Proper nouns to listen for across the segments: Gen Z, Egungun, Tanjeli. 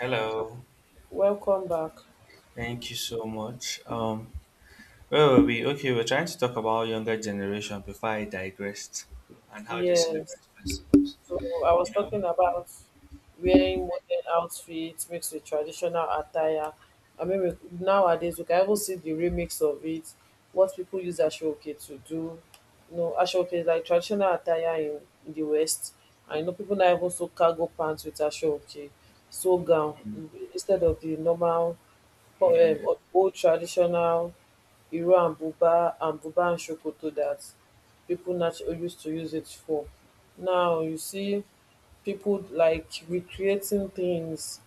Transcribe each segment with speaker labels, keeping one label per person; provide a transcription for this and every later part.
Speaker 1: Hello,
Speaker 2: Welcome back.
Speaker 1: thank you so much. Where were we? Okay, we are trying to talk about younger generation before I digressed and how they
Speaker 2: Yes.
Speaker 1: celebrate festivals.
Speaker 2: So I was
Speaker 1: You know,
Speaker 2: talking about wearing modern outfits mixed with traditional attire. I mean, nowadays we can even see the remix of it, what people use Ashoke to do. You know, Ashoke is like traditional attire in the West. I know people now even sew cargo pants with Ashoke, sew gown
Speaker 1: Mm,
Speaker 2: instead of the normal
Speaker 1: yeah.
Speaker 2: um old traditional iro and buba and buba and sokoto that people naturally used to use it for. Now you see people like recreating things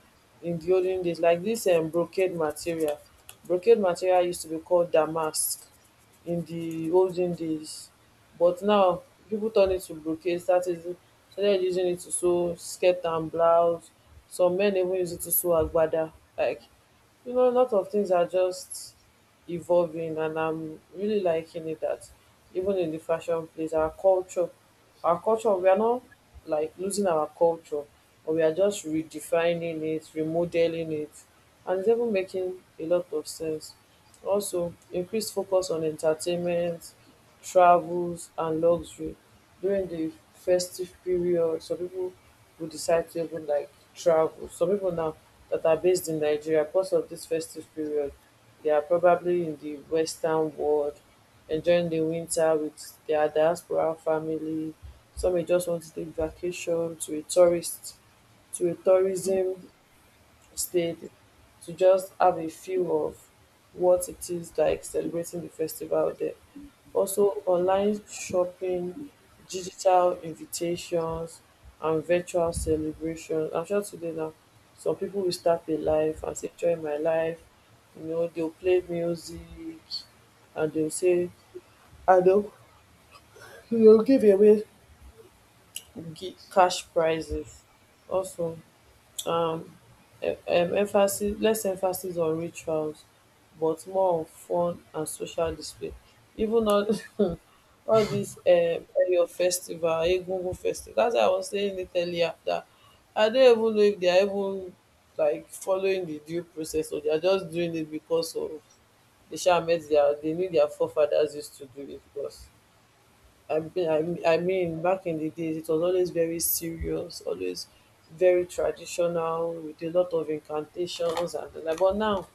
Speaker 2: in the olden days, like this brocade material. Brocade material used to be called damask in the olden days, but now people turn it to brocade, started using it to sew skirt and blouse. Some men even use it to sew agbada. Like you know, a lot of things are just evolving, and I'm really liking it that even in the fashion place, our culture, we are not like losing our culture, but we are just redefining it, remodeling it, and it's even making a lot of sense. Also, increased focus on entertainment, travels, and luxury during the festive period. Some people will decide to even like travel. Some people now that are based in Nigeria because of this festive period they are probably in the western world enjoying the winter with their diaspora family. Some may just want to take vacation to a tourism state to just have a feel of what it is like celebrating the festival there. Also online shopping, digital invitations and virtual celebrations. I'm sure today now some people will start a live and say join my live. You know, they'll play music and they'll say and they'll give away cash prizes also. um, emphasis less emphasis on rituals but more on fun and social display even all all this your festival, Egungun festival, that's why I was saying it earlier that I don't even know if they are even like following the due process, or they are just doing it because of they sha met their they knew their forefathers used to do it. Because I mean, back in the days, it was always very serious, always very traditional, with a lot of incantations and the like. But now,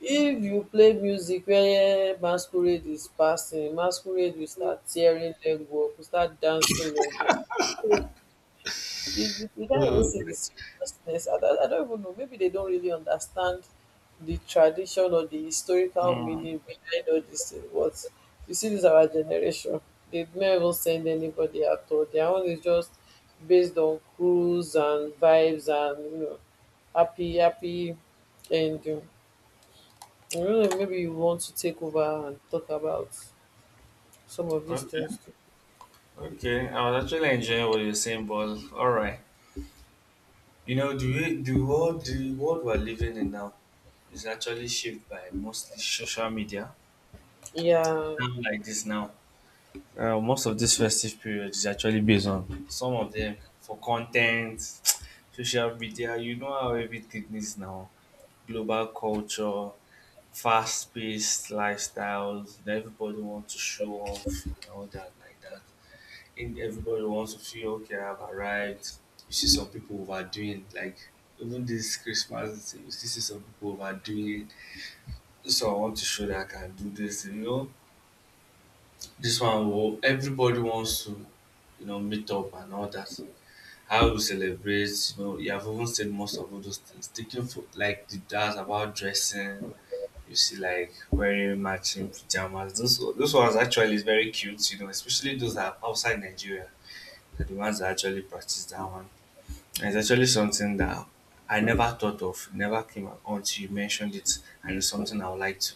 Speaker 2: if you play music where masquerade is passing, masquerade will start tearing leg work, will start dancing leg work. You can't even see the
Speaker 1: Hmm.
Speaker 2: seriousness. I don't even know. Maybe they don't really understand the tradition or the historical
Speaker 1: Mm,
Speaker 2: meaning behind all these things. What you see, this our generation. They never even send anybody at all. Their own is just based on cruise and vibes and happy ending. I don't know. Maybe you want to take over and talk about some of these things
Speaker 1: okay,
Speaker 2: too.
Speaker 1: okay. I was actually enjoying what you're saying, but all right. The world we're living in now is actually shaped by mostly social media.
Speaker 2: Yeah.
Speaker 1: Now like this now. Most of this festive period is actually based on some of them for content, social media. You know how everything is now. Global culture, fast paced lifestyles, and everybody wants to show off and all that like that. And everybody wants to feel okay. I've arrived. You see some people overdoing like even this Christmas. You still see some people overdoing it. So I want to show that I can do this. This one will everybody wants to, meet up and all that. How we celebrate, you have even seen most of all those things. Taking for like the that's about dressing, you see like wearing matching pajamas. Those ones actually is very cute, especially those that are outside Nigeria. They're the ones that actually practice that one. And it's actually something that I never thought of, never came up until you mentioned it, and it's something I would like to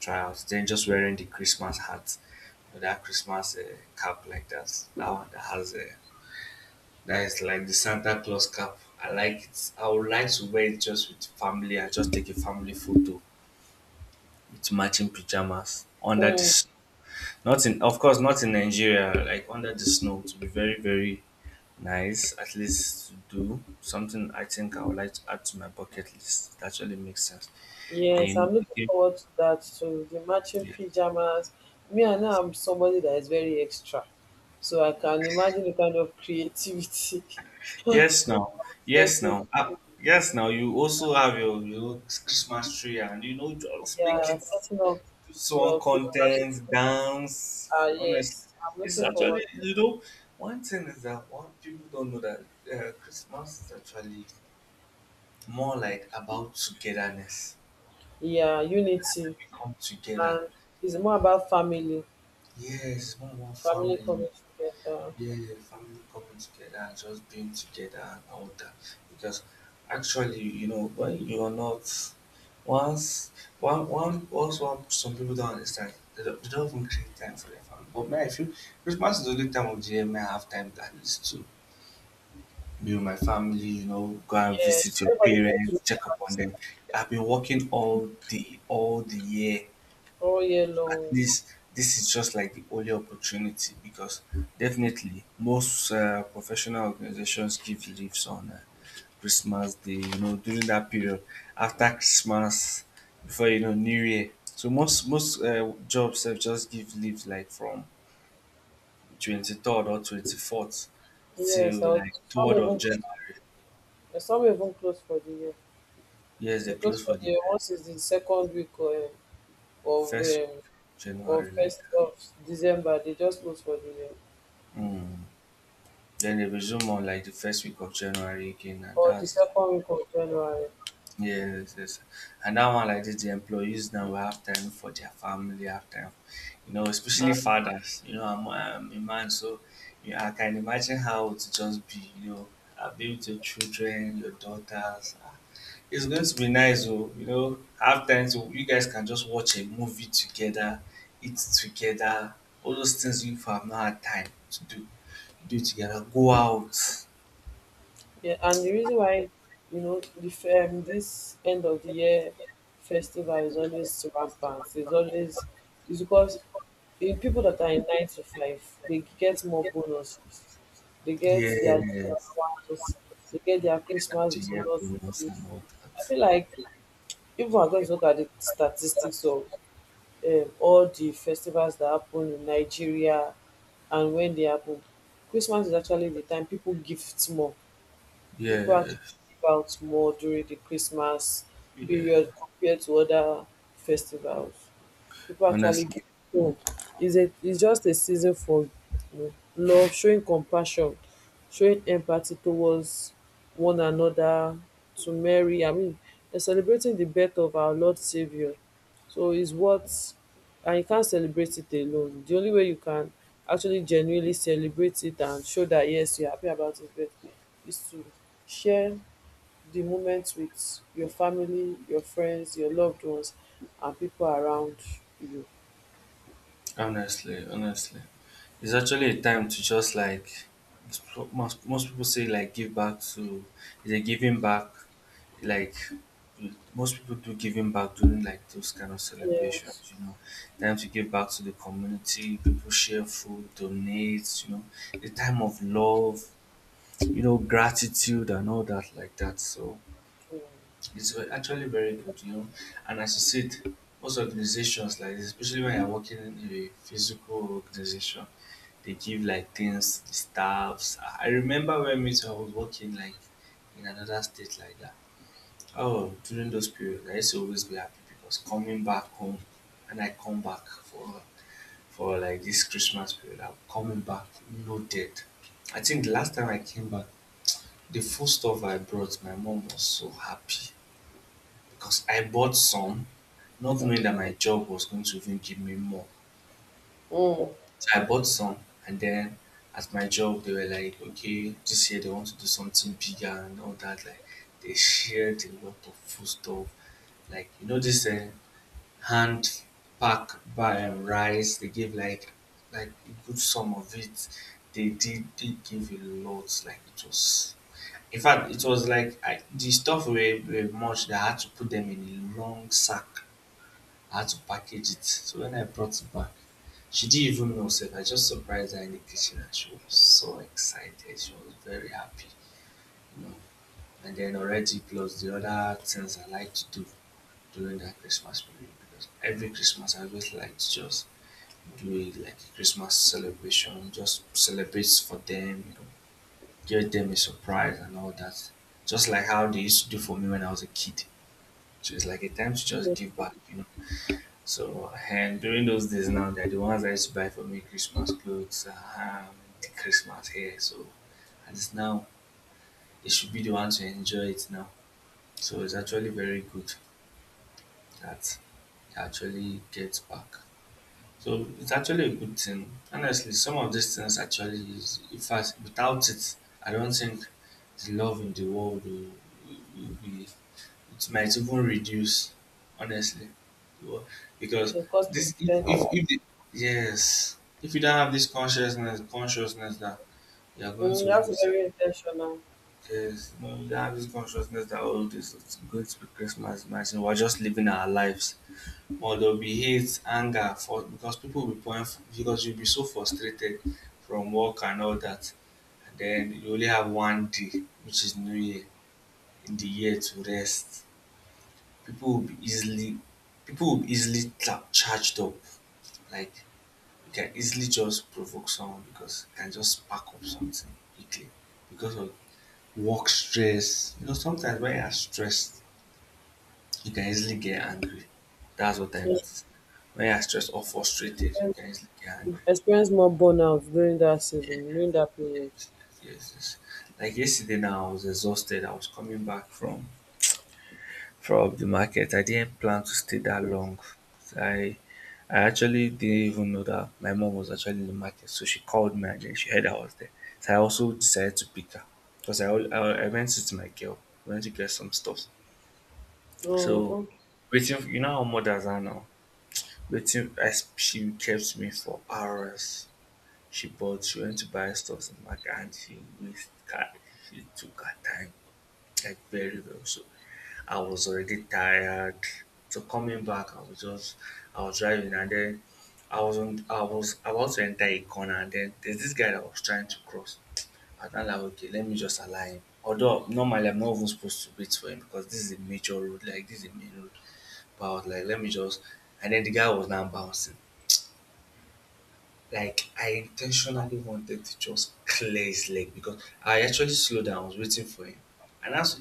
Speaker 1: tryouts. Then just wearing the Christmas hat, that Christmas cap like that. That one that has a that is like the Santa Claus cap. I like it. I would like to wear it just with family. I just take a family photo with matching pajamas under the
Speaker 2: Mm.
Speaker 1: snow. Not in, of course, not in Nigeria. Like under the snow, to be very, very nice. At least to do something. I think I would like to add to my bucket list. It actually makes sense. Then you
Speaker 2: Yes,
Speaker 1: know,
Speaker 2: I'm looking
Speaker 1: taking-
Speaker 2: forward to that too. The matching
Speaker 1: yeah.
Speaker 2: pajamas. Me, I know I'm somebody that is very extra, so I can imagine the kind of creativity.
Speaker 1: Yes, now. Yes,
Speaker 2: Setting.
Speaker 1: now. Ah, yes, now. You also have your Christmas tree, and just make
Speaker 2: Yeah,
Speaker 1: it
Speaker 2: setting up
Speaker 1: do some
Speaker 2: your Christmas tree.
Speaker 1: content, dance.
Speaker 2: Ah,
Speaker 1: Honestly,
Speaker 2: yes, I'm
Speaker 1: it's
Speaker 2: looking
Speaker 1: actually,
Speaker 2: forward.
Speaker 1: one thing is that one people don't know that Christmas is actually more like about togetherness.
Speaker 2: Yeah, unity,
Speaker 1: We come together,
Speaker 2: and it's more about family,
Speaker 1: yes, more one
Speaker 2: family
Speaker 1: family.
Speaker 2: coming together.
Speaker 1: Yeah, yeah, family coming together and just being together and all that. Because actually, when you are not once one one once one some people don't understand. They don't even create time for their family. But me, I feel Christmas is the only time of the year me I have time at least to be with my family, go and
Speaker 2: Yes,
Speaker 1: visit your
Speaker 2: everybody keeps do
Speaker 1: parents, check up
Speaker 2: that
Speaker 1: on them. I've been working all the year.
Speaker 2: all year
Speaker 1: At
Speaker 2: long.
Speaker 1: least this is just like the only opportunity because definitely most professional organizations give leaves on Christmas Day, during that period after Christmas, before New Year. So most jobs have just give leave like from 23rd or 24th
Speaker 2: Yes,
Speaker 1: till like third of January.
Speaker 2: some even close for the year.
Speaker 1: Yes, they
Speaker 2: Because
Speaker 1: close for
Speaker 2: for
Speaker 1: the
Speaker 2: the once is the second week of
Speaker 1: first
Speaker 2: um, of
Speaker 1: January like
Speaker 2: first
Speaker 1: that.
Speaker 2: of December, they just post for the
Speaker 1: Mm. Then they resume on like the first week of January again, and
Speaker 2: or the
Speaker 1: that's,
Speaker 2: second week of January.
Speaker 1: yes, yes. And that one like this, the employees now will have time for their family, have time, especially fathers. I'm a man, so you I can imagine how to just be, be with your children, your daughters. Ah. It's going to be nice, oh, have time to, you guys can just watch a movie together, eat together, all those things you have not had time to do together, go out.
Speaker 2: Yeah, and the reason why you know the this end of the year festival is always rampant. It's because the people that are in nine to five, they get more bonuses. They get their leave
Speaker 1: Yes,
Speaker 2: allowance. They get their
Speaker 1: yeah,
Speaker 2: Christmas
Speaker 1: to it's hear
Speaker 2: bonus.
Speaker 1: from and all
Speaker 2: I
Speaker 1: that.
Speaker 2: feel like if we are going to look at the statistics of all the festivals that happen in Nigeria and when they happen, Christmas is actually the time people gift more. People
Speaker 1: Yeah,
Speaker 2: actually give out more during the Christmas period
Speaker 1: yeah.
Speaker 2: compared to other festivals. People actually
Speaker 1: Honestly,
Speaker 2: give um is a It's just a season for you know love, showing compassion, showing empathy towards one another. To marry I mean, they're celebrating the birth of our Lord savior, so it's what, and you can't celebrate it alone. The only way you can actually genuinely celebrate it and show that yes, you're happy about his birth, is to share the moment with your family, your friends, your loved ones, and people around you.
Speaker 1: honestly, it's actually a time to just like most people say like give back to is a giving back. Like most people do giving back during like those kind of celebrations.
Speaker 2: Nails.
Speaker 1: Time to give back to the community. People share food, donate. A time of love. Gratitude and all that like that. So.
Speaker 2: Mm.
Speaker 1: It's actually very good. And as you said, most organizations like this, especially when you're working in a physical organization, they give like things, staffs. I remember when me too, I was working like in another state like that. Oh, during those periods, I used to always be happy because coming back home, and I come back for like this Christmas period, I'm coming back loaded. I think the last time I came back, the food stuff I brought, my mom was so happy because I bought some, not knowing that my job was going to even give me more.
Speaker 2: Mm.
Speaker 1: So I bought some, and then at my job, they were like, okay, this year they want to do something bigger and all that. Like, they shared a lot of food stuff. Like, this hand pack by rice, they gave like a good sum of it. They give a lot. Like it was like I, the stuff were much that I had to put them in a long sack. I had to package it. So when I brought it back, she didn't even know self. I just surprised her in the kitchen and she was so excited. She was very happy, you know. And then already plus the other things I like to do during that Christmas period because every Christmas I always like to just like a Christmas celebration, just celebrate for them, give them a surprise and all that. Just like how they used to do for me when I was a kid. So it's like a time to just
Speaker 2: Yes.
Speaker 1: give back. So, and during those days now, they're the ones I used to buy for me Christmas clothes, the Christmas hair. So, at least now, they should be the ones to enjoy it now. So, it's actually very good that they actually get back, so it's actually a good thing. Honestly, some of these things actually is in fact without it, I don't think the love in the world will be, it might even reduce, honestly. The wo- Because
Speaker 2: Because
Speaker 1: this if if,
Speaker 2: mm,
Speaker 1: if the, yes. If you don't have this consciousness that you are going to even
Speaker 2: that's
Speaker 1: be,
Speaker 2: very intentional.
Speaker 1: yes, no, you don't have this consciousness that all oh, this is going to be Christmas, imagine we're just living our lives or there'll be hate, anger for because people will be point because you'll be so frustrated from work and all that. And then you only have one day, which is New Year, in the year to rest. People will be easily people will be easily charged up. Like you can easily just provoke someone because you can just spark up something quickly because of work stress. Sometimes when you're stressed, you can easily get angry. That's what I
Speaker 2: You
Speaker 1: noticed. When you're stressed or frustrated, you
Speaker 2: experience
Speaker 1: can easily get angry.
Speaker 2: experience more burnout during that season, during that period.
Speaker 1: Yes, yes. Yes. Like yesterday now, I was exhausted. I was coming back from the market. I didn't plan to stay that long. I I actually didn't even know that my mom was actually in the market. So she called me and then she heard I was there. So I also decided to pick her because I went to my girl. We went to get some stuff.
Speaker 2: Mm,
Speaker 1: So
Speaker 2: okay.
Speaker 1: waiting, for, you know how mothers are now. Waiting as she kept me for hours. She went to buy stuff in the market, and she wasted her, she took her time like very well. So I was already tired. So coming back, I was driving, and then I was about to enter a corner, and then there's this guy that was trying to cross. And I'm like, okay, let me just allow him. Although normally I'm not even supposed to wait for him because this is a major road, like this is a main road. But I was like, let me just, and then the guy was now bouncing. Like I intentionally wanted to just clear his leg because I actually slowed down. I was waiting for him, and I, was,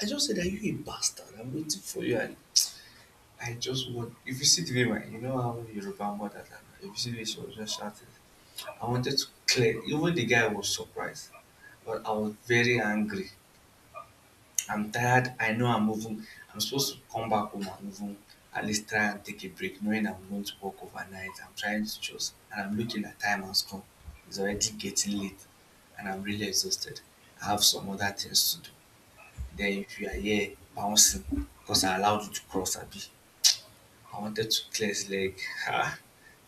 Speaker 1: I just said, "Are you a bastard? I'm waiting for you." And I just want. If you see the way my, you know how Yoruba mothers are. If you see the way she was just shouting, I wanted to clear. Even the guy was surprised, but I was very angry. I'm tired. I know I'm moving. I'm supposed to come back home and even at least try and take a break, knowing I'm going to work overnight. I'm trying to just, and I'm looking at time and stuff. It's already getting late, and I'm really exhausted. I have some other things to do. Then if you are here bouncing, because I allowed you to cross, Abby, I wanted to clear his leg. Ha!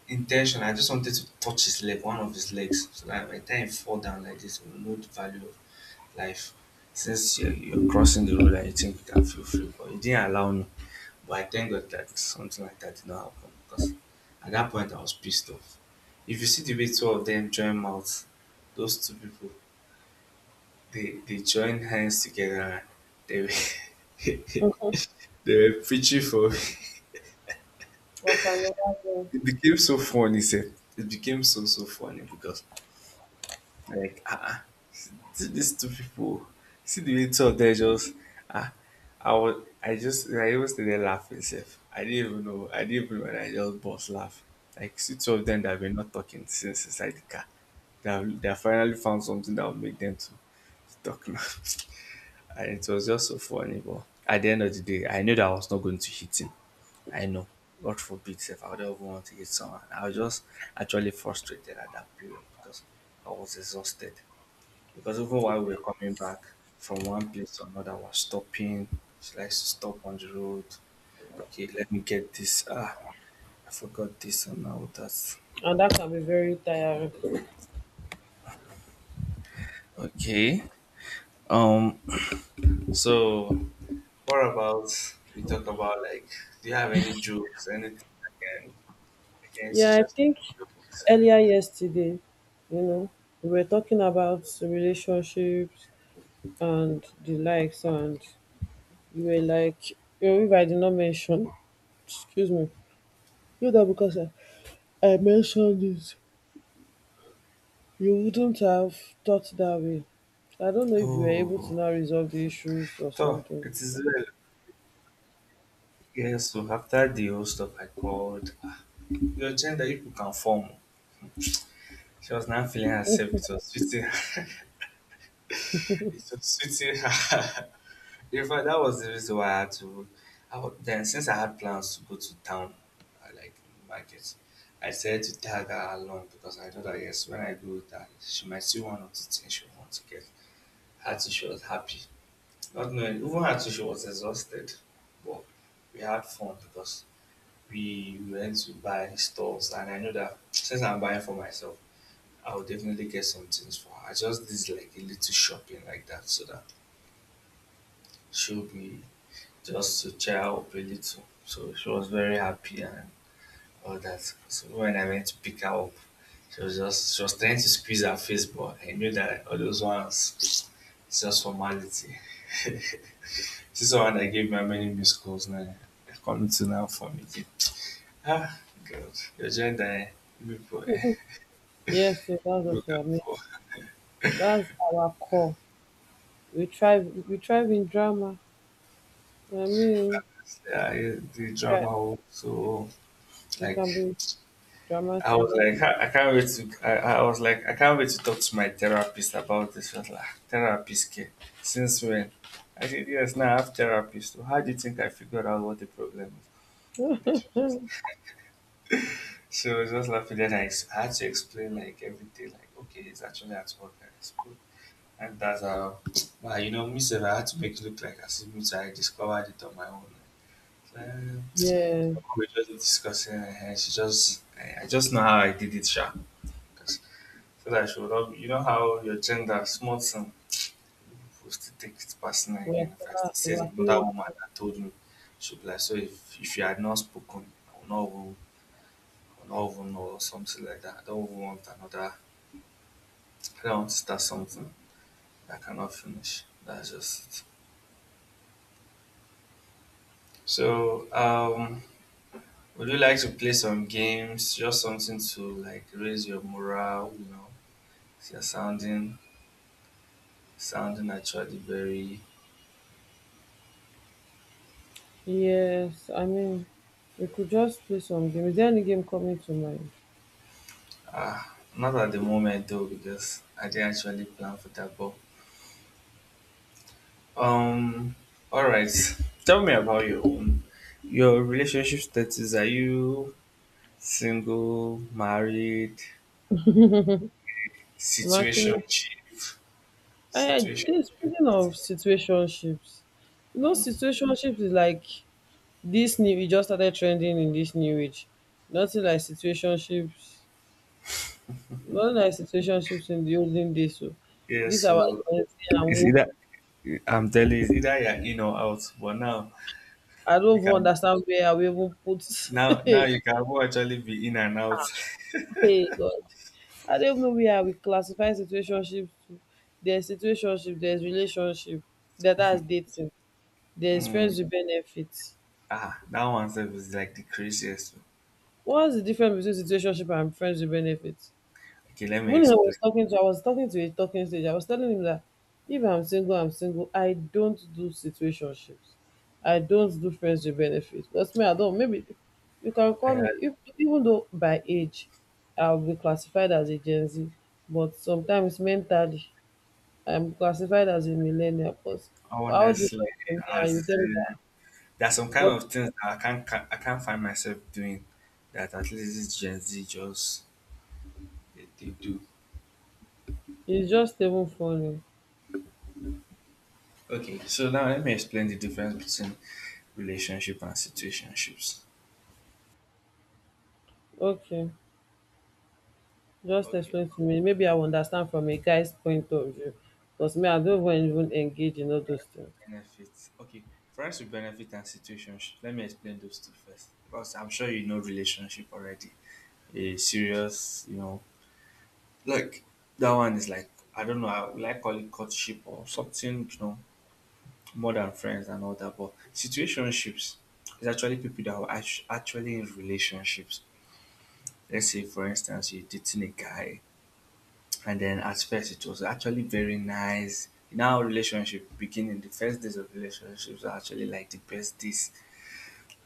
Speaker 1: Intention. I just wanted to touch his leg, one of his legs, so that by the time he fall down like this, he will know the value of life. Since you're crossing the road and you think you can feel free, but he didn't allow me. But I thank God that something like that did not happen because at that point I was pissed off. If you see the way two of them join mouths, those two people, they joined hands together and they were
Speaker 2: Okay.
Speaker 1: they were preaching for.
Speaker 2: I can imagine.
Speaker 1: It became so funny, sir. It became so funny because Like, ah, ah, see these two people, see the way two of them just, ah, I was, I just, I even stayed there laughing safe. I didn't even know, and I just bust laugh. Like, see two of them that were not talking since inside the car. They have finally found something that will make them to talk now. And it was just so funny. But at the end of the day, I knew that I was not going to hit him. I know. God forbid if I would ever want to hit someone. I was just actually frustrated at that period because I was exhausted. Because even while we were coming back from one place to another, I was stopping. She likes to stop on the road. Okay, let me get this. I forgot this, and now that's
Speaker 2: And that can be very tiring.
Speaker 1: okay. Um, so what about we talk about, like, do you have any jokes, anything? Against
Speaker 2: Yeah, I
Speaker 1: just
Speaker 2: think earlier yesterday, you know, we were talking about relationships and the likes, and you were like, if I did not mention, excuse me, that because I mentioned it, you wouldn't have thought that way. I don't know if we were able to
Speaker 1: Oh,
Speaker 2: now resolve the issues or
Speaker 1: so
Speaker 2: something.
Speaker 1: it is well. Yes, so after the whole stuff, I called, "Ah, your gender, if you can form." She was not feeling herself. It was sweeting. It was sweeting her. In fact, that was the reason why I had to. Then since I had plans to go to town, like market, I said to tag her along, because I know that yes, when I go with her, she might see one or two things she wants to get. Her too, she was happy. Not knowing, even her too, she was exhausted. But we had fun, because we went to buy stores. And I know that since I'm buying for myself, I will definitely get some things for her. I just did, like, a little shopping like that, so that she'll be, just to cheer her up a little. So she was very happy and all that. So when I went to pick her up, she was trying to squeeze her face, but I knew that all those ones it's just formality. This is someone that gave me many missed calls now. They're coming to now for me. Okay. Ah, God. Your gender, eh? You people, eh?
Speaker 2: Mhm. Yes, so that's what
Speaker 1: Look
Speaker 2: we
Speaker 1: out
Speaker 2: are mean.
Speaker 1: for.
Speaker 2: That's our core. We thrive in drama. I mean,
Speaker 1: Yeah, eh, the drama.
Speaker 2: dra-
Speaker 1: Oh, So,
Speaker 2: we
Speaker 1: like,
Speaker 2: can be dramatic.
Speaker 1: I can't wait to, I was like, I can't wait to talk to my therapist about this. I was like, "Ah, therapist care. Since when?" I said, yes, now I have therapist. So how do you think I figured out what the problem is? And then she was just laughing. Then I had to explain, like, everything, like, okay, it's actually at work. I And that's how, wow, you know, Miss Eva had to make it look like as if Miss I discovered it on my own. Like,
Speaker 2: Yeah.
Speaker 1: we just discussing, and she just, I just know how I did it, sha. 'Cause- So that she would not, you know how your gender, small thing, will still take it personal again. If I still say
Speaker 2: We are
Speaker 1: it's another
Speaker 2: still.
Speaker 1: woman that told me, she'll be like, so if you had not spoken, I would not even know, or something like that. I don't want to start something I cannot finish. That's just it. So, would you like to play some games? Just something to, like, raise your morale, you know. You're sounding sounding actually very
Speaker 2: Yes, I mean we could just play some game. Is there any game coming to mind?
Speaker 1: uh not at the moment though, because I didn't actually plan for that, but um all right. Tell me about your own, your relationship status. Are you single, married,
Speaker 2: I'm
Speaker 1: situation
Speaker 2: actually I
Speaker 1: situation
Speaker 2: this speaking of situationships. You know,
Speaker 1: mm.
Speaker 2: situationships is like this new e just started trending. In this new age, nothing like situationships in the olden days. So,
Speaker 1: Yeah,
Speaker 2: dis our
Speaker 1: so
Speaker 2: gen and
Speaker 1: it's
Speaker 2: woke,
Speaker 1: either I'm telling you, it's either you're in or out. But now
Speaker 2: I don't
Speaker 1: You
Speaker 2: even
Speaker 1: can
Speaker 2: understand where I will even put.
Speaker 1: now now you can actually be in and out.
Speaker 2: Hey God, I don't even know where I will classify situationships to. There's situationship, there's relationship, that's dating, there's friends
Speaker 1: Mm.
Speaker 2: with benefits.
Speaker 1: Ah, that one self is like the craziest one.
Speaker 2: What's the difference between situationship and friends with benefits?
Speaker 1: Okay, let me
Speaker 2: When I was
Speaker 1: explain.
Speaker 2: talking to I was talking to a talking stage, I was telling him that if I'm single, I'm single. I don't do situationships. I don't do friends with benefits. Because me, I don't, maybe you can call
Speaker 1: Uh,
Speaker 2: me if, even though by age I'll be classified as a Gen Z, but sometimes mentally I'm classified as a millennial because how do you
Speaker 1: honestly,
Speaker 2: talk to me and
Speaker 1: as
Speaker 2: you tell me
Speaker 1: in,
Speaker 2: that
Speaker 1: there are some kind
Speaker 2: what,
Speaker 1: of things that I can't find myself doing, that at least this Gen Z just they do.
Speaker 2: it's just even funny.
Speaker 1: Okay, so now let me explain the difference between relationship and situationships.
Speaker 2: Okay. Just
Speaker 1: Okay,
Speaker 2: explain to me. Maybe I will understand from a guy's point of view. Because me, I
Speaker 1: okay.
Speaker 2: don't even engage in all those things.
Speaker 1: Benefits. Okay, friendship benefit and situationship. Let me explain those two first, because I'm sure you know relationship already. A serious, you know, like, that one is like, I don't know. I would like call it courtship or something, you know, more than friends and all that. But situationships is actually people that are actually in relationships. Let's say, for instance, you're dating a guy, and then at first it was actually very nice. Now relationship beginning, the first days of relationships are actually like the best days,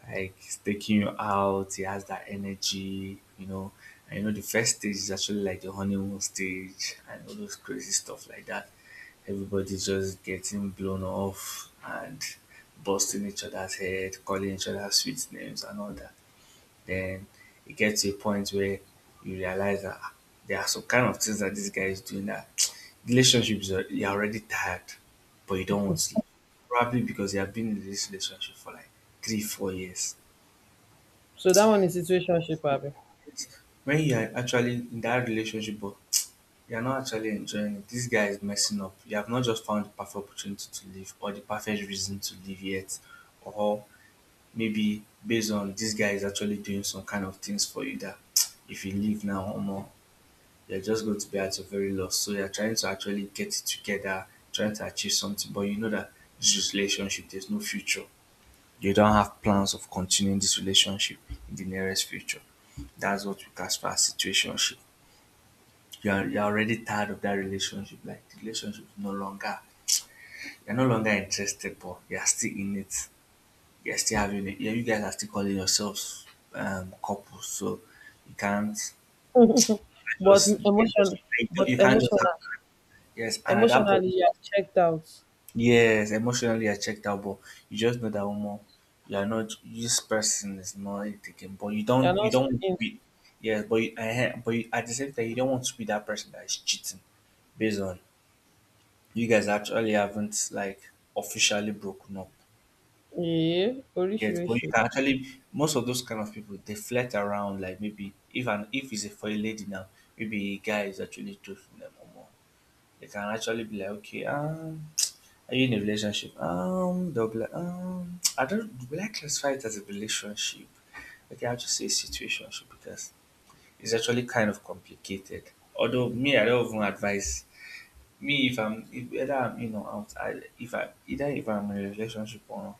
Speaker 1: like it's taking you out. It has that energy, you know. And you know, the first stage is actually like the honeymoon stage and all those crazy stuff like that. Everybody's just getting blown off and busting each other's head, calling each other sweet names and all that. Then it gets to a point where you realize that, ah, there are some kind of things that this guy is doing that relationships are, you're already tired, but you don't want to leave. Probably because you have been in this relationship for like 3 or 4 years,
Speaker 2: So that one is situationship, Abby.
Speaker 1: when you're actually in that relationship but you're not actually enjoying it. This guy is messing up, you have not just found the perfect opportunity to leave or the perfect reason to leave yet. Or maybe based on this guy is actually doing some kind of things for you that if you leave now or more, you're just going to be at your very loss. So you're trying to actually get it together, trying to achieve something, but you know that this relationship there's no future. They don't have plans of continuing this relationship in the nearest future. That's what we classify as situationship. You're already tired of that relationship. Like, the relationship is no longer, you're no longer interested, but you're still in it. You're still having it. Yeah, you guys are still calling yourselves, couples, so you can't
Speaker 2: But
Speaker 1: just you can't just
Speaker 2: emotion, but
Speaker 1: you can't just
Speaker 2: emotional,
Speaker 1: have, yes. And at that point,
Speaker 2: emotionally, you are checked out.
Speaker 1: yes, emotionally I checked out, but you just know that more you're not this person is not taking, but you
Speaker 2: You
Speaker 1: don't
Speaker 2: are
Speaker 1: you
Speaker 2: not
Speaker 1: don't want to
Speaker 2: speaking.
Speaker 1: be, yes, but at the same time you don't want to be that person that is cheating, based on you guys actually haven't like officially broken up
Speaker 2: Yeah,
Speaker 1: yet. But you
Speaker 2: relationship.
Speaker 1: can actually, most of those kind of people they flirt around, like maybe if an, if it's a, for a lady now, maybe a guy is actually choosing them or more. They can actually be like, okay, are you in a relationship? They'll be like, I don't, will I classify it as a relationship? Okay, I'll just say situationship because it's actually kind of complicated. Although me, I don't even advise me if I'm if either I'm, you know, out. If I either, if I'm in a relationship or not,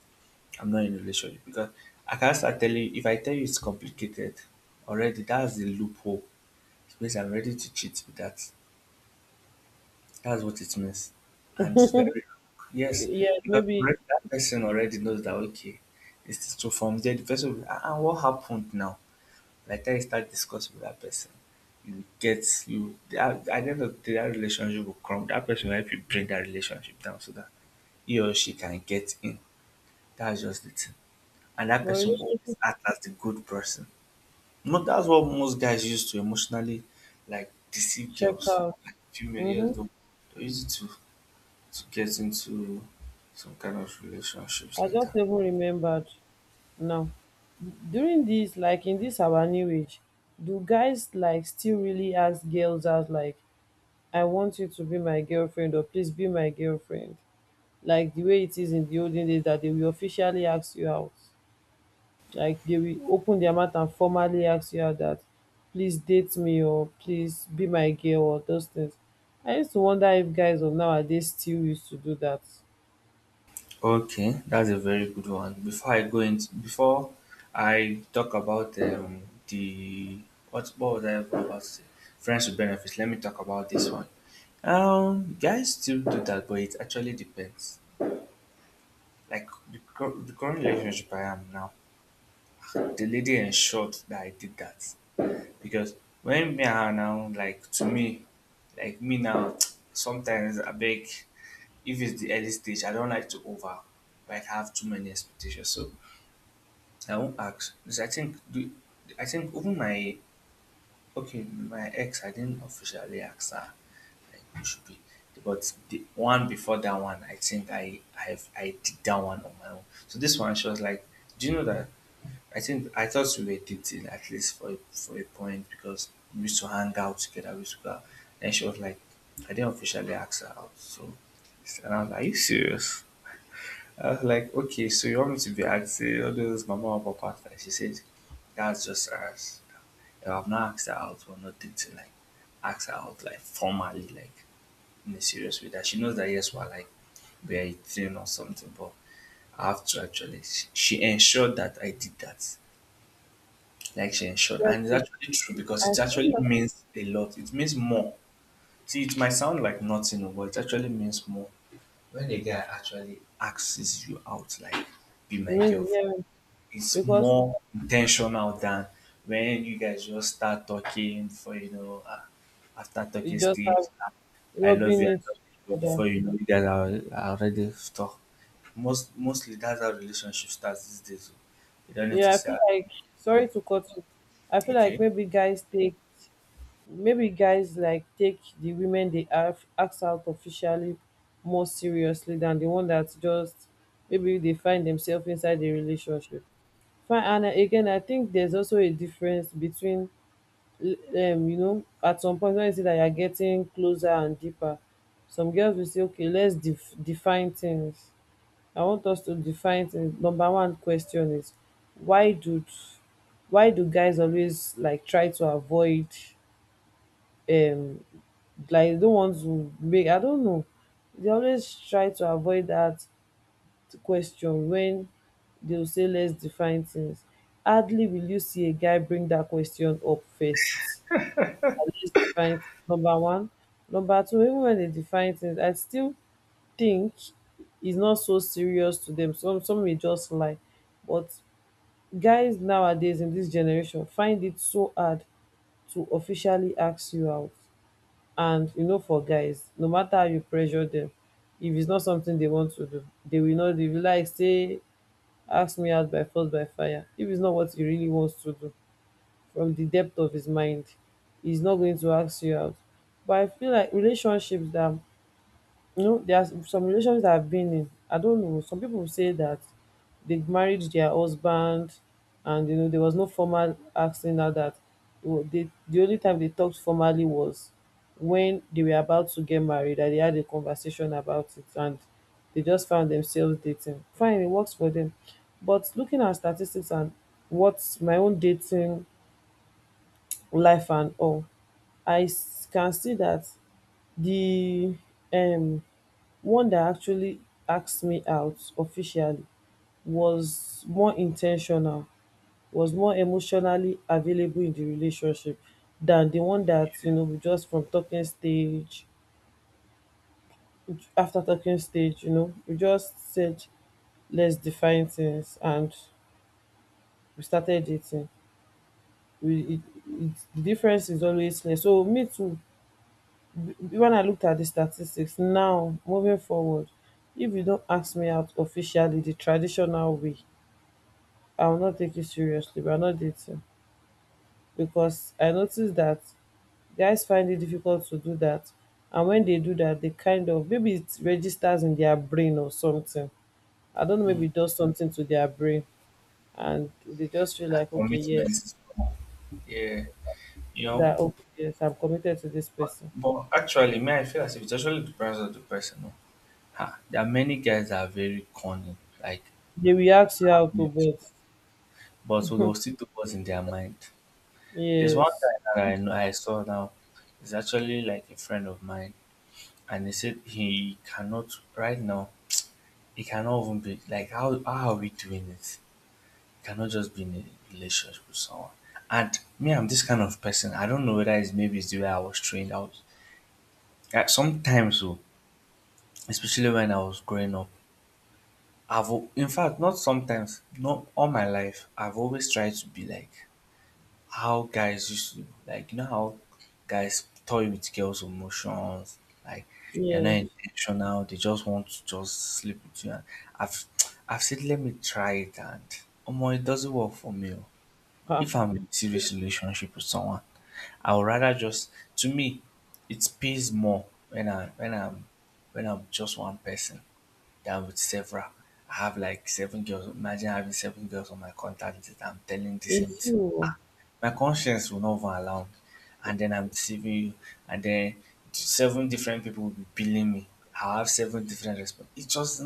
Speaker 1: I'm not in a relationship, because I can't start telling you, if I tell you it's complicated, already that's the loophole. It means I'm ready to cheat with that. That's what it means. And it's very, yes,
Speaker 2: Yes,
Speaker 1: because
Speaker 2: maybe,
Speaker 1: already that person already knows that, okay, it's so from there, the person will, what happened now? Like that, you start discussing with that person. At the end of the day, that relationship will come. That person will help you bring that relationship down so that he or she can get in. That's just the thing. And that
Speaker 2: but
Speaker 1: person will
Speaker 2: relationship
Speaker 1: always act as the good person. Not, that's what most guys use to emotionally, like, deceive
Speaker 2: check
Speaker 1: girls.
Speaker 2: out.
Speaker 1: Like, female, yes,
Speaker 2: Mm-hmm.
Speaker 1: they'll use it to get into some kind of relationships
Speaker 2: I
Speaker 1: like
Speaker 2: just
Speaker 1: that.
Speaker 2: even remembered now. During this, like in this our new age, do guys like still really ask girls out, like I want you to be my girlfriend, or please be my girlfriend. Like the way it is in the olden days that they will officially ask you out. Like they will open their mouth and formally ask you out that please date me, or please be my girl, or those things. I used to wonder if guys of nowadays still used to do that.
Speaker 1: Okay, that's a very good one. Before I go into before I talk about, the what was I about to say? Friends with benefits. Let me talk about this one. Guys still do that, but it actually depends. Like the current relationship I am now, the lady ensured that I did that because when me and her now, like to me, like me now, sometimes I beg if it's the early stage, I don't like to over like have too many expectations. So I won't ask. Because I think even my ex I didn't officially ask her like who should be. But the one before that one, I think I I've, I did that one on my own. So this one, she was like, "Do you know that?" I think I thought we were dating at least for for a point because we used to hang out together. We used to go out. Then she was like, "I didn't officially ask her out." So and I was like, "Are you serious?" I was like, "Okay, so you want me to be asking all those mama and papa out?" Like she said, that's just us. Yeah, I've not asked her out or nothing to like ask her out like formally, like in a serious way. That she knows that yes, we're like we're eating or something, but I have to actually. She ensured that I did that. Like she ensured,
Speaker 2: Yes,
Speaker 1: and it's
Speaker 2: sir.
Speaker 1: actually true because
Speaker 2: I
Speaker 1: it
Speaker 2: feel
Speaker 1: actually
Speaker 2: like
Speaker 1: means a lot. It means more. See, it might sound like nothing, oh, but it actually means more when a guy actually asks you out, like be
Speaker 2: it
Speaker 1: my
Speaker 2: means,
Speaker 1: girlfriend.
Speaker 2: yeah,
Speaker 1: It's
Speaker 2: because
Speaker 1: more intentional than when you guys just start talking for after
Speaker 2: you
Speaker 1: talking
Speaker 2: just
Speaker 1: stage.
Speaker 2: have
Speaker 1: uh,
Speaker 2: rubbing it to
Speaker 1: I love
Speaker 2: each
Speaker 1: you
Speaker 2: other.
Speaker 1: before you know you guys are already stuck. Mostly that's how relationship starts these days. So you don't need to
Speaker 2: Yeah, I
Speaker 1: say
Speaker 2: feel
Speaker 1: "Ah,
Speaker 2: like, sorry
Speaker 1: okay."
Speaker 2: to cut you. I feel like
Speaker 1: Okay.
Speaker 2: maybe guys like take the women they ask out officially more seriously than the one dat just maybe they find themselves inside the relationship. Fine, and again, I think theres also a difference between l- you know, at some point when you see that you are getting closer and deeper, some girls will say okay, lets define things. I want us to define things. Number one question is, why do why do guys always like try to avoid um like, don't want to make, I don't know. They always try to avoid that question when they'll say let's define things. Hardly will you see a guy bring that question up first. At least define things, number one. Number two, even when they define things, I still think it's not so serious to them. Some may just lie. But guys nowadays in this generation find it so hard to officially ask you out. And you know for guys, no matter how you pressure them, if it's not something they want to do, they will not. They will like say ask me out by force by fire. If it's not what he really wants to do from the depth of his mind, he's not going to ask you out. But I feel like relationships that, you know, there are some relationships that I've been in. I don't know. Some people say that they married their husband, and you know there was no formal asking out that. Well, they, the only time they talked formally was when they were about to get married, that they had a conversation about it, and they just found themselves dating. Fine, it works for them. But looking at statistics and what's my own dating life and all, can see that the um one that actually asked me out officially was more intentional, was more emotionally available in the relationship than the one that you know we just from talking stage, after talking stage you know we just said let's define things and we started dating. we it, it, the difference is always clear. So me too, when I looked at the statistics now moving forward, if you don't ask me out officially the traditional way, I will not take you seriously. We are not dating. Because I noticed that guys find it difficult to do that. And when they do that, they kind of maybe it registers in their brain or something. I don't know, maybe it does something to their brain and they just feel
Speaker 1: That
Speaker 2: like, okay,
Speaker 1: commitment
Speaker 2: yes,
Speaker 1: is more. Yeah, you know.
Speaker 2: that okay, yes, I'm committed to this
Speaker 1: But,
Speaker 2: person.
Speaker 1: but actually man, I feel as if it actually depends on the person. No? Ha, there are many guys that are very cunning. Like
Speaker 2: They will ask you out to bed.
Speaker 1: but there was still do words in their mind. There's one
Speaker 2: Yes,
Speaker 1: guy that I know I saw now. He's actually like a friend of mine, and he said he cannot right now. He cannot even be like how are we doing it? He cannot just be in a relationship with someone. And me, I'm this kind of person. I don't know whether it's maybe it's the way I was trained. I was sometimes, oh, especially when I was growing up. I've al- in fact not sometimes, not all my life. I've always tried to be like how guys used to like you know how guys toy with girls' emotions, like they're not
Speaker 2: yes.
Speaker 1: intentional, they just want to just sleep with you and I've I've said let me try it and it doesn't work for me. Oh.
Speaker 2: Ah,
Speaker 1: If I'm in a serious relationship with someone, I would rather just to me it pays more when I when I'm just one person than with several. I have like seven girls. Imagine having seven girls on my contact list that I'm telling the same
Speaker 2: it's
Speaker 1: thing.
Speaker 2: you.
Speaker 1: Ah, my conscience will not even allow me. And then I'm deceiving you. And then seven different people will be billing me. I have seven different responses. It just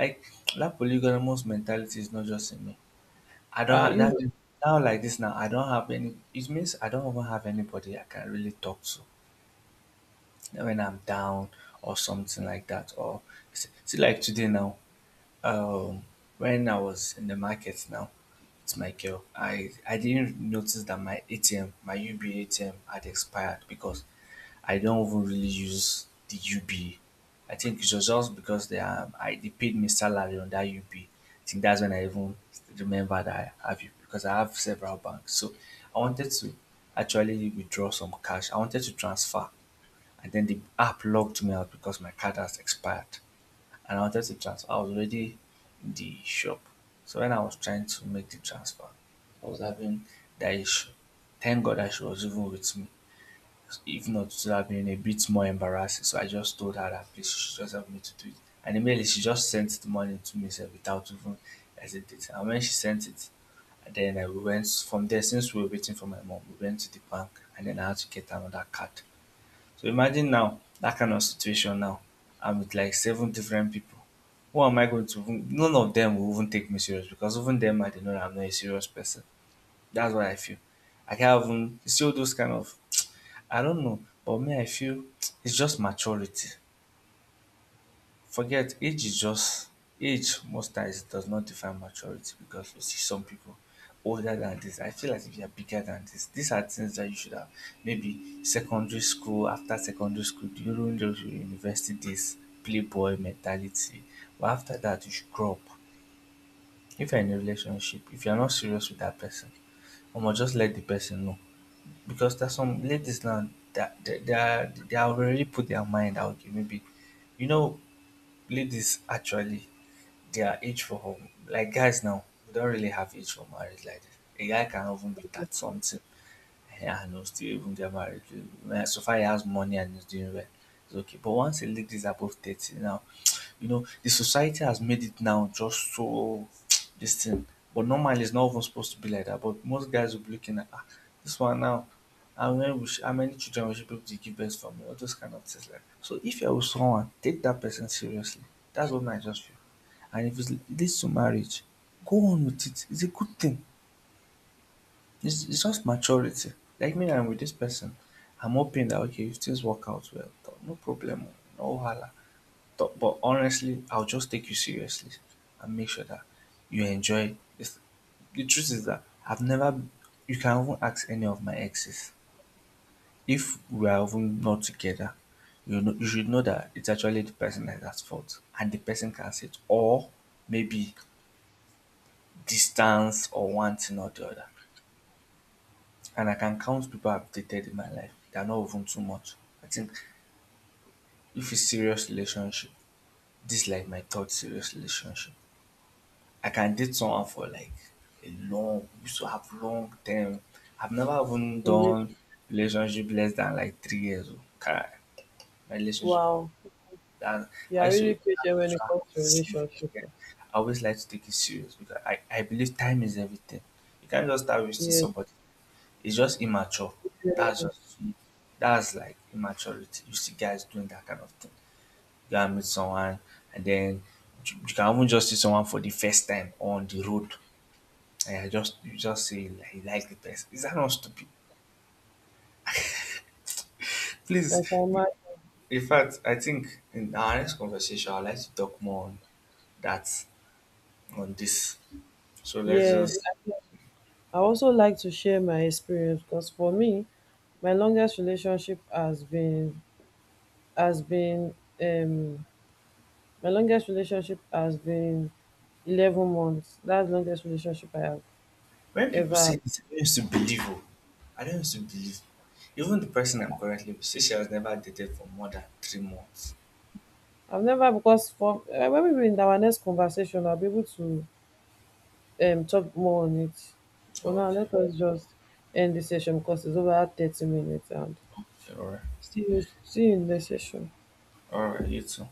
Speaker 1: like that polygamous mentality is not just in me. I don't
Speaker 2: Ah,
Speaker 1: have
Speaker 2: you.
Speaker 1: that now like this now. I don't have any. It means I don't even have anybody I can really talk to when I'm down or something like that. Or see, see like today now, um, when I was in the market now with my girl, I didn't notice that my ATM, my UB ATM had expired because I don't even really use the UB. I think it was just because they I they paid me salary on that UB. Think that's when I even remember that I have UB because I have several banks. So I wanted to actually withdraw some cash. I wanted to transfer and then the app locked me out because my card has expired and I wanted to transfer. I was already in the shop. So when I was trying to make the transfer, I was having that issue. Thank God that she was even with me. If not, it would have been a bit more embarrassing. So I just told her that please she should just help me to do it. And immediately she just sent the money to me sef, without even hesitating. And when she sent it, and then I we went from there since we were waiting for my mom, we went to the bank and then I had to get another card. So imagine now that kind of situation now. I'm with like seven different people. Who am I going to even- none of them will even take me serious because even them I might know that I'm not a serious person. That's what I feel. I can't even it's still those kind of I don't know, but me I feel it's just maturity. Forget age is just age. Most times it does not define maturity because you see some people older than this, I feel as if you're bigger than this, these are things that you should have maybe secondary school, after secondary school during those university days, playboy mentality, but after that you should grow up. If you're in a relationship, if you're not serious with that person, omo just let the person know. Because there's some ladies now that they are already put their mind out okay maybe you know. Ladies actually their age for home. Like guys now we don't really have age for marriage like this. A guy can even be that something, yeah, I know still even get married. Eh, so far he has money and he's doing well. It's okay. But once a lady is above 30 now, you know, the society has made it now just so this thing. But normally it's not even supposed to be like that. But most guys will be looking at ah, this one now. How many, we sh- how many children we should be able to give birth from? All those kind of things. Like so if you're with someone, take that person seriously. That's what I just feel. And if it's- it leads to marriage, go on with it. It's a good thing. It's just maturity. Like me I'm with this person, I'm hoping that okay, if things work out well, th- no problem, no wahala. Th- but honestly, I'll just take you seriously and make sure that you enjoy this. The truth is that I've never. You can even ask any of my exes if we are even not together. You know, you should know that it's actually the person that is at fault, and the person can say it, or maybe distance or one thing or the other. And I can count people I've dated in my life, they are not even too much. I think if it's serious relationship, this is like my third serious relationship. I can date someone for like a long, we used to have long term. I've never even done relationship less than like 3 years. Oh. Kai, my relationship, are-
Speaker 2: Wow.
Speaker 1: that
Speaker 2: You
Speaker 1: I
Speaker 2: are
Speaker 1: used
Speaker 2: really
Speaker 1: to
Speaker 2: patient when it
Speaker 1: try
Speaker 2: comes
Speaker 1: how
Speaker 2: to
Speaker 1: serious.
Speaker 2: relationship.
Speaker 1: Yeah. I always like to take it serious because I believe time is everything. You can't just start wasting
Speaker 2: Yes.
Speaker 1: somebody. It's just immature. That's just
Speaker 2: Yes.
Speaker 1: that's like immaturity. You see guys doing that kind of thing. You can meet someone and then you can even just see someone for the first time on the road. And you just say you like the person. Is that not stupid?
Speaker 2: Like I
Speaker 1: Please
Speaker 2: can.
Speaker 1: in fact I think in our next conversation I'd like to talk more on that on this. So let's
Speaker 2: Yes,
Speaker 1: just
Speaker 2: I also like to share my experience because for me, my longest relationship has been um my longest relationship has been 11 months. That's the longest relationship I have
Speaker 1: when people
Speaker 2: ever.
Speaker 1: say this, I don't used to believe. Oh, I don't used to believe. Even the person I'm currently with, she has never dated for more than 3 months.
Speaker 2: I've never, because for when we were in our next conversation, I'll be able to talk more on it. For now,
Speaker 1: Okay,
Speaker 2: let us just end the session because it's over 30 minutes, and
Speaker 1: okay,
Speaker 2: see you in the session.
Speaker 1: all right, you too.